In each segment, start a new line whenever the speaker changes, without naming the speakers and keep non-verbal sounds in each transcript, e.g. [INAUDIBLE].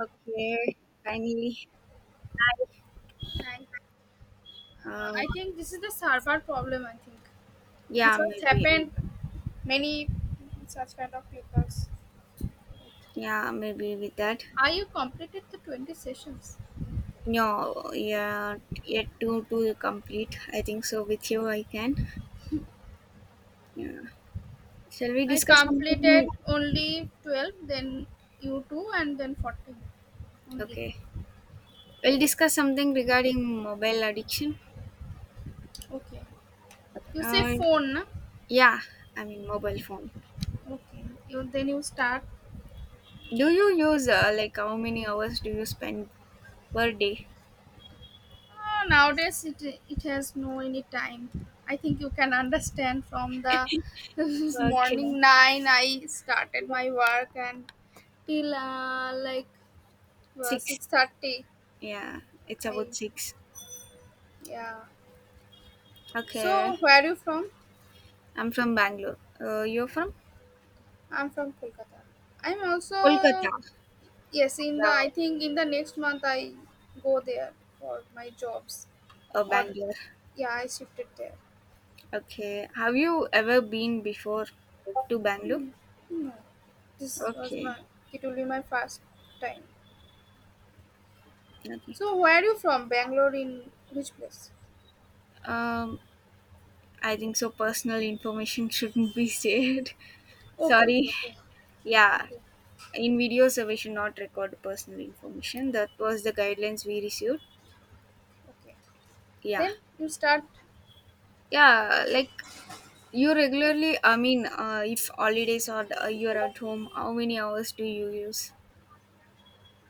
Okay, finally.
Thank.
Uh,
I think this is the Sarbar problem. I think this
yeah,
has
maybe.
happened many such kind of peoples.
Yeah, maybe with that.
Are you completed the 20 sessions?
No, yeah, yet to complete. I think so. With you, I can. Yeah. Shall we
I
discuss something?
completed only 12, then you two, and then 14 only.
Okay. We'll discuss something regarding mobile addiction.
Okay. You say
Uh,
phone, na?
yeah, I mean mobile phone.
Okay. You then you start.
Do you use, like, how many hours do you spend per day?
Nowadays, it has no any time. I think you can understand from the [LAUGHS]
Okay.
morning 9, I started my work and till like
Six.
6:30.
Yeah, it's
I,
about six.
yeah.
Okay.
So, where are you from?
I'm from Bangalore. You're from?
I'm from Kolkata. I'm also,
Kolkata.
yes, in I
Yeah,
think in the next month I go there for my jobs. Or,
Bangalore.
yeah, I shifted there.
Okay. Have you ever been before to Bangalore?
No, this was
Okay.
it will be my first time.
Okay.
So where are you from? Bangalore in which place?
Um, I think so. Personal information [LAUGHS] shouldn't be shared. [LAUGHS]
Okay, okay,
Sorry.
okay,
Yeah.
okay,
In videos, we should not record personal information. That was the guidelines we received.
okay.
Yeah.
Then you start,
Yeah. Like you regularly. I mean, if holidays or you're at home, how many hours do you use?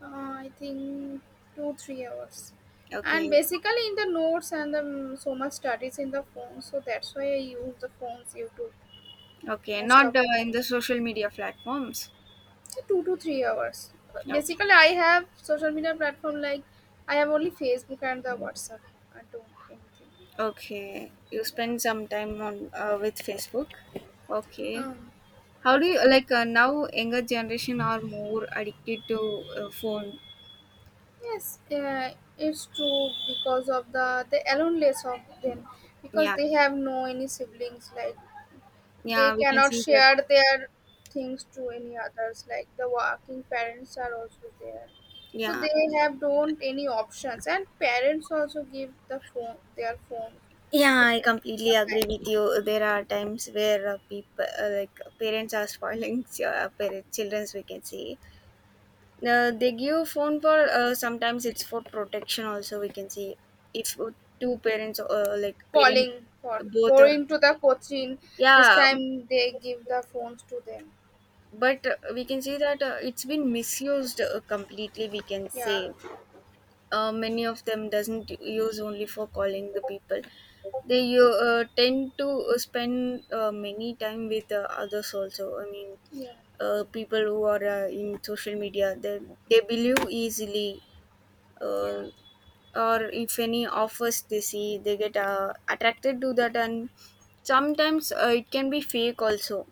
I think 2 3 hours, and
Okay.
basically in the notes and the so much studies in the phone. So that's why I use the phones YouTube
Okay.
most
Not
of the
in
time.
the social media platforms.
So 2 to 3 hours.
Okay.
Basically, I have social media platform like I have only Facebook and the WhatsApp. I don't anything.
Okay. You
Yeah.
spend some time on with Facebook. Okay.
Um,
How do you like, now? Younger generation are more addicted to phone.
yes, it's true because of the they alone less of them because
Yeah.
they have no any siblings like they
Yeah. We can
cannot
see that.
share their things to any others like the working parents are also there so
Yeah.
they have don't any options and parents also give the phone their phone to
Yeah, I completely agree with you. There are times where, people, like parents, are spoiling, [LAUGHS] parents, childrens. We can see. They give phone for, sometimes it's for protection. Also, we can see if, two parents, like parents,
calling for
both are,
going to the coaching this
yeah,
time they give the phones to them.
but we can say that it's been misused, completely, we can
Yeah,
say many of them doesn't use only for calling the people. They tend to spend many time with others also. I mean,
yeah,
people who are in social media, they believe easily, uh,
yeah,
or if any offers they see, they get attracted to that, and sometimes it can be fake also.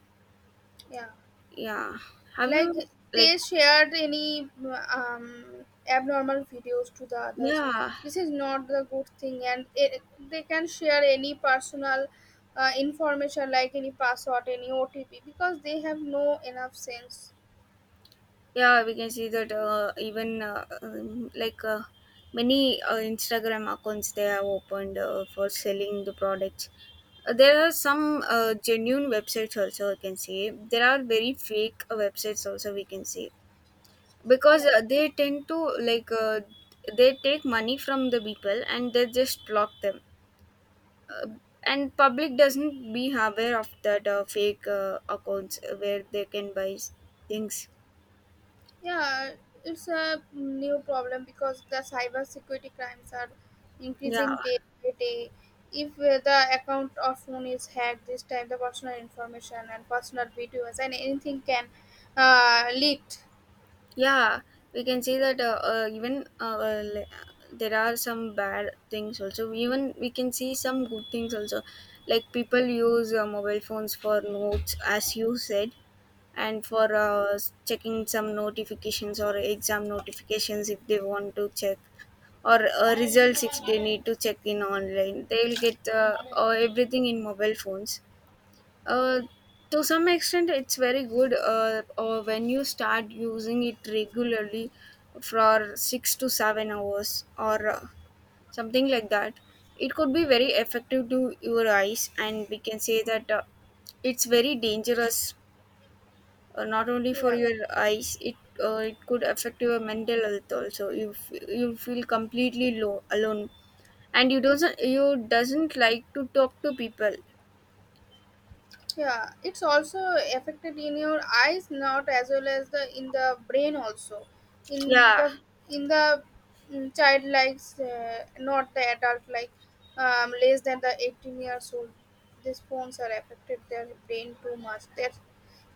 yeah,
Yeah. Have
like
you, like,
they shared any um, abnormal videos to the others.
yeah,
This is not the good thing and they can share any personal information like any password any otp because they have no enough sense.
yeah, we can see that, even, like, many Instagram accounts they have opened for selling the products. There are some genuine websites also, I can say. There are very fake websites also, we can say, because
Yeah.
they tend to, like, they take money from the people and they just block them, uh, and public doesn't be aware of that fake accounts where they can buy things.
Yeah, it's a new problem because the cyber security crimes are
Yeah.
increasing day by day. If the account or phone is hacked, this time the personal information and personal videos and anything can leaked.
Yeah, we can see that, even, there are some bad things also. Even we can see some good things also. Like, people use mobile phones for notes, as you said, and for checking some notifications or exam notifications if they want to check, or results if they need to check in online. They'll get everything in mobile phones, uh, to some extent, it's very good, when you start using it regularly for 6 to 7 hours or something like that. It could be very effective to your eyes, and we can say that it's very dangerous, not only for
Yeah.
your eyes. It could affect your mental health also. You feel completely low alone, and you doesn't like to talk to people.
Yeah, it's also affected in your eyes not as well as the in the brain also in
Yeah.
the child likes not the adult like less than the 18 years old these phones are affected their brain too much that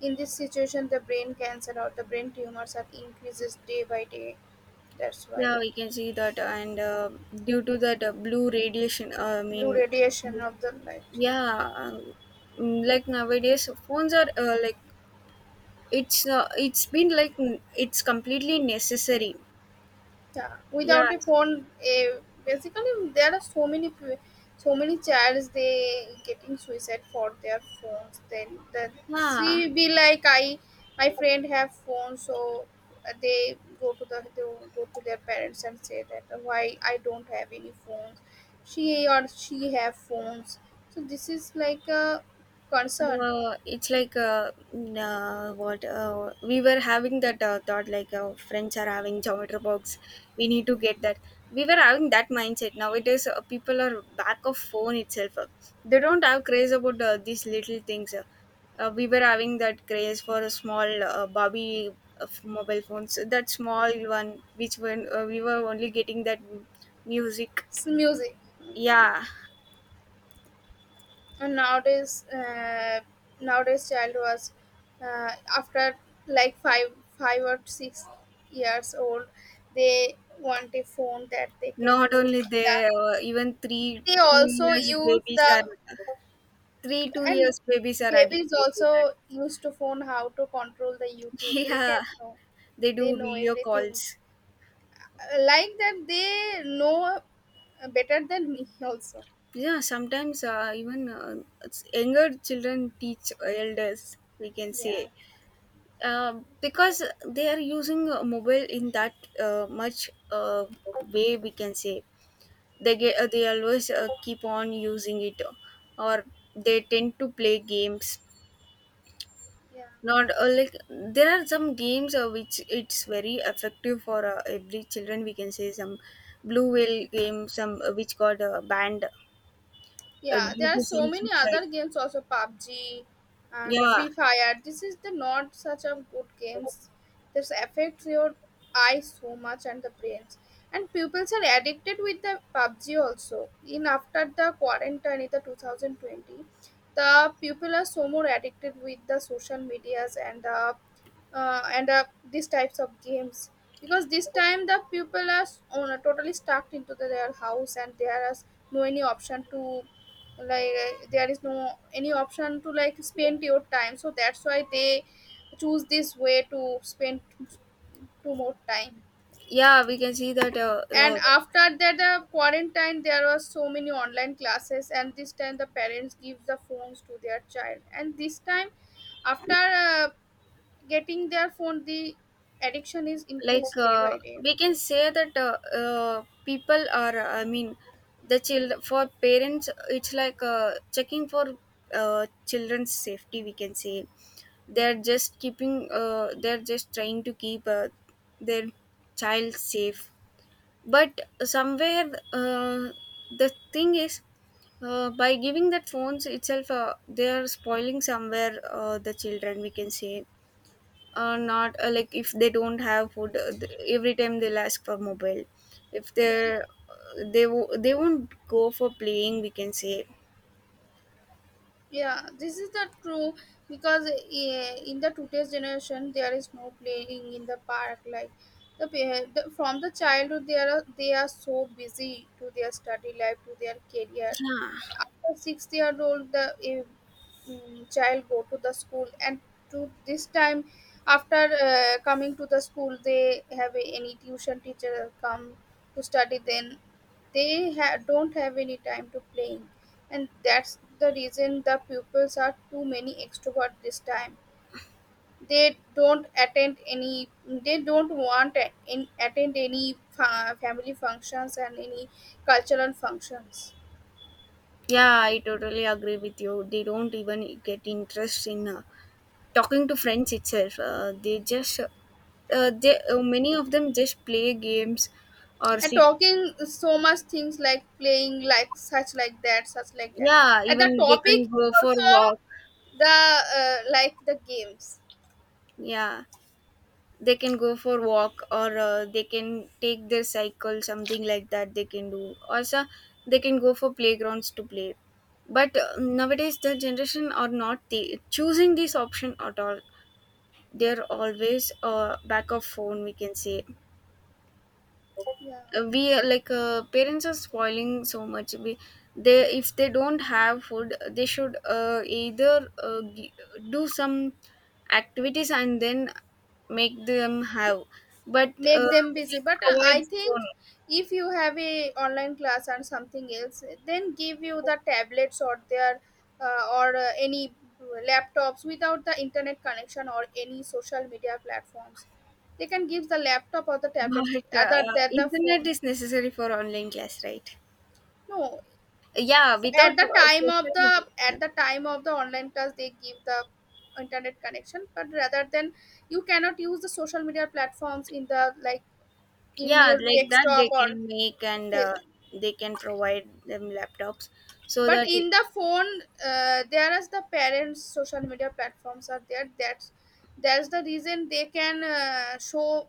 in this situation the brain cancer or the brain tumors are increases day by day, that's why
Yeah, we can see that, and due to that blue radiation, I
blue
mean,
radiation of the light.
yeah, like, nowadays phones are, like, it's been, like, it's completely necessary.
Yeah,
Yeah,
without a phone, eh, basically there are so many so many childs they getting suicide for their phones. Then the
yeah.
she be like I my friend have phone, so they go to they go to their parents and say that why I don't have any phones. She or she have phones. So this is like a concern.
It's like, what we were having that thought, like, friends are having geometry box, we need to get that. We were having that mindset. Nowadays, people are back of phone itself. They don't have craze about these little things, we were having that craze for a small, bobby of mobile phones, that small one, which when we were only getting that music.
It's music.
Yeah.
And nowadays nowadays child was uh, after like 5 or 6 years old they want a phone that they can
Not
use
only
the,
they, even three
they
to two
also
years
use
babies
the
are three two
and
years babies are
babies
addicted to that.
also used to phone how to control the
[LAUGHS]
youtube they can
Yeah,
know
they
they
do
know
video
everything.
calls.
Like that they know better than me [LAUGHS] also.
Yeah, sometimes, even, it's younger children teach elders. We can
Yeah,
say, uh, because they are using mobile in that much way. We can say they always, keep on using it, or they tend to play games,
yeah.
not like, there are some games which it's very effective for every children, we can say. Some blue whale game, some which got banned,
Yeah,
due
there are
to
so
some
many other
suicide.
games also PUBG and
Yeah.
Free Fire. This is the not such a good games. This affects your eyes so much and the brains. And pupils are addicted with the PUBG also. In after the quarantine in the 2020, the people are so more addicted with the social medias and uh, and uh, these types of games because this time the people are on, totally stuck into their house and there is no any option to like there is no any option to like spend your time so that's why they choose this way to spend two more time.
Yeah, we can see that,
And after that the quarantine there were so many online classes and this time the parents give the phones to their child and this time after getting their phone the addiction is
like,
increased day by day.
we can say that, people are, I mean, the child for parents, it's like, checking for children's safety, we can say. They're just trying to keep their child safe. But somewhere, the thing is, by giving that phones itself, they are spoiling somewhere the children, we can say. Not, like, if they don't have food, every time they'll ask for mobile. if
Yeah.
they're uh, they, wo- they won't go for playing, we can say.
Yeah, this is the true because eh, in the today's generation there is no playing in the park like the from the childhood they are so busy to their study life to their career.
Yeah.
After 6 year old the child go to the school and to this time after coming to the school they have any tuition teacher come to study then they don't have any time to playing, and that's the reason the pupils are too many extrovert this time. They don't attend any. They don't want a- in attend any family functions and any cultural functions.
Yeah, I totally agree with you. They don't even get interest in talking to friends itself. They just, they many of them just play games or
And
sit.
talking so much things like playing, like such like that, such like that.
Yeah,
And the
even they can
topic
go for
also
walk.
the like the games.
Yeah, they can go for walk, or they can take their cycle, something like that. They can do also. They can go for playgrounds to play. But, nowadays, the generation are not the choosing this option at all. They're always back of phone, we can say.
Yeah.
We are like, parents are spoiling so much. We they If they don't have food, they should, either, uh, gi- do some activities and then make them have, but
Make
uh,
them busy
we
but
provide
I think
phone.
if you have a online class or something else then give you the tablets or their or any laptops without the internet connection or any social media platforms they can give the laptop or the
[LAUGHS]
tablets
But
other than the
internet
phone.
is necessary for online class, right?
No,
Yeah, without
at the time of
social
the
media.
at the time of the online class they give the internet connection but rather than you cannot use the social media platforms in the like in
Yeah,
your
like that
desktop
they
or
can make, and
fa-
they can provide them laptops so
but
that
in the phone there is the parents social media platforms are there. That's the reason they can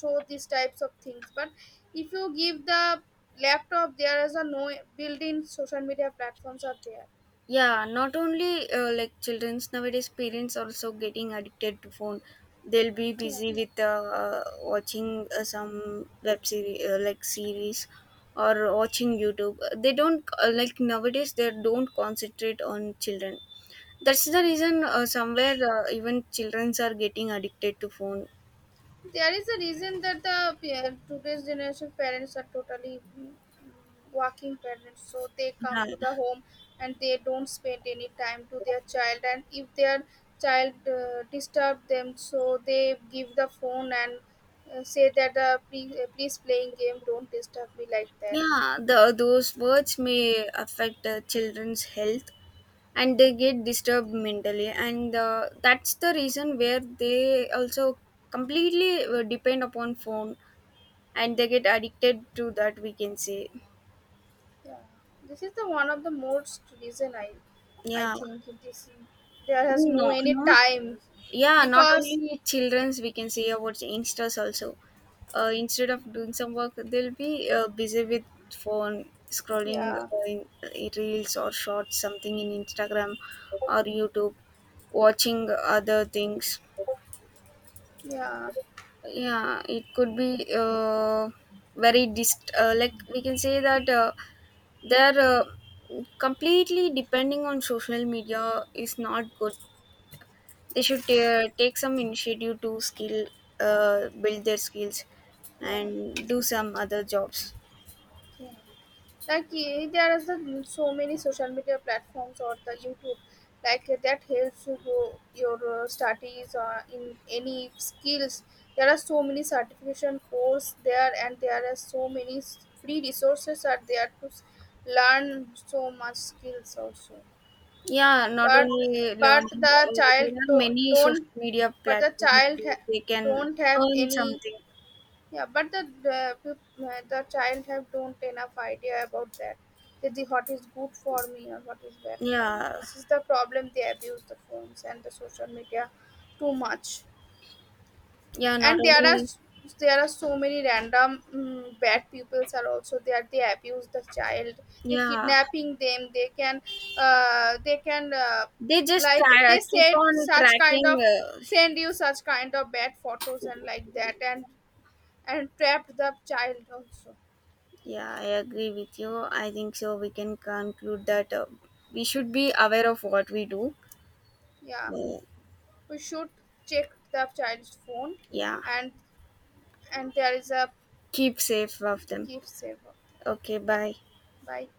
show these types of things but if you give the laptop there is a no built-in social media platforms are there.
Yeah, not only like children's, nowadays parents also getting addicted to phone. They'll be
Yeah.
busy with, watching some web series, like series, or watching YouTube. They don't, like, nowadays they don't concentrate on children. That's the reason, somewhere, even childrens are getting addicted to phone.
There is a reason that the today's generation parents are totally working parents, so they come
Yeah.
to the home and they don't spend any time to their child. And if their child disturb them, so they give the phone and say that please, please playing game, don't disturb me like that.
Yeah, those words may affect children's health, and they get disturbed mentally, and that's the reason where they also completely depend upon phone, and they get addicted to that, we can say.
Yeah, this is the one of the most reason I
Yeah.
think it is. There has no
No,
any
not.
time
Yeah, not
because
only children's, we can say about youngsters also. Instead of doing some work, they'll be busy with phone, scrolling,
yeah,
in reels or shorts, something in Instagram, or YouTube, watching other things.
yeah,
Yeah, it could be, like, we can say that they're, completely depending on social media is not good. They should take some initiative to, skill build their skills
yeah.
and do some other jobs.
Yeah. Like eh, there is a, so many social media platforms or the YouTube, like eh, that helps to grow your studies in any skills. There are so many certification course there, and there are so many free resources are there to learn so much skills also.
Yeah, not
But
only
but
learning,
the
there
child
are many
don't
social media
but the
platforms
child
where they can
don't have
earn
any
something.
yeah, but the the child have don't enough idea about that. That the what is good for me or what is bad for me.
Yeah.
This is the problem. They abuse the phones and the social media too much.
Yeah, not
And there are
only.
there are so many random bad peoples are also there. They abuse the child. They
Yeah,
kidnapping them. They can
they just
like
try,
they
keep
said
on
such kind
tracking,
of send you such kind of bad photos and like that and trapped the child also
yeah, I agree with you. I think so, we can conclude that, we should be aware of what we do.
yeah.
uh,
We should check the child's phone
yeah,
and and there is a
keep safe of them.
gift saver
Okay,
like
bye.
that bye.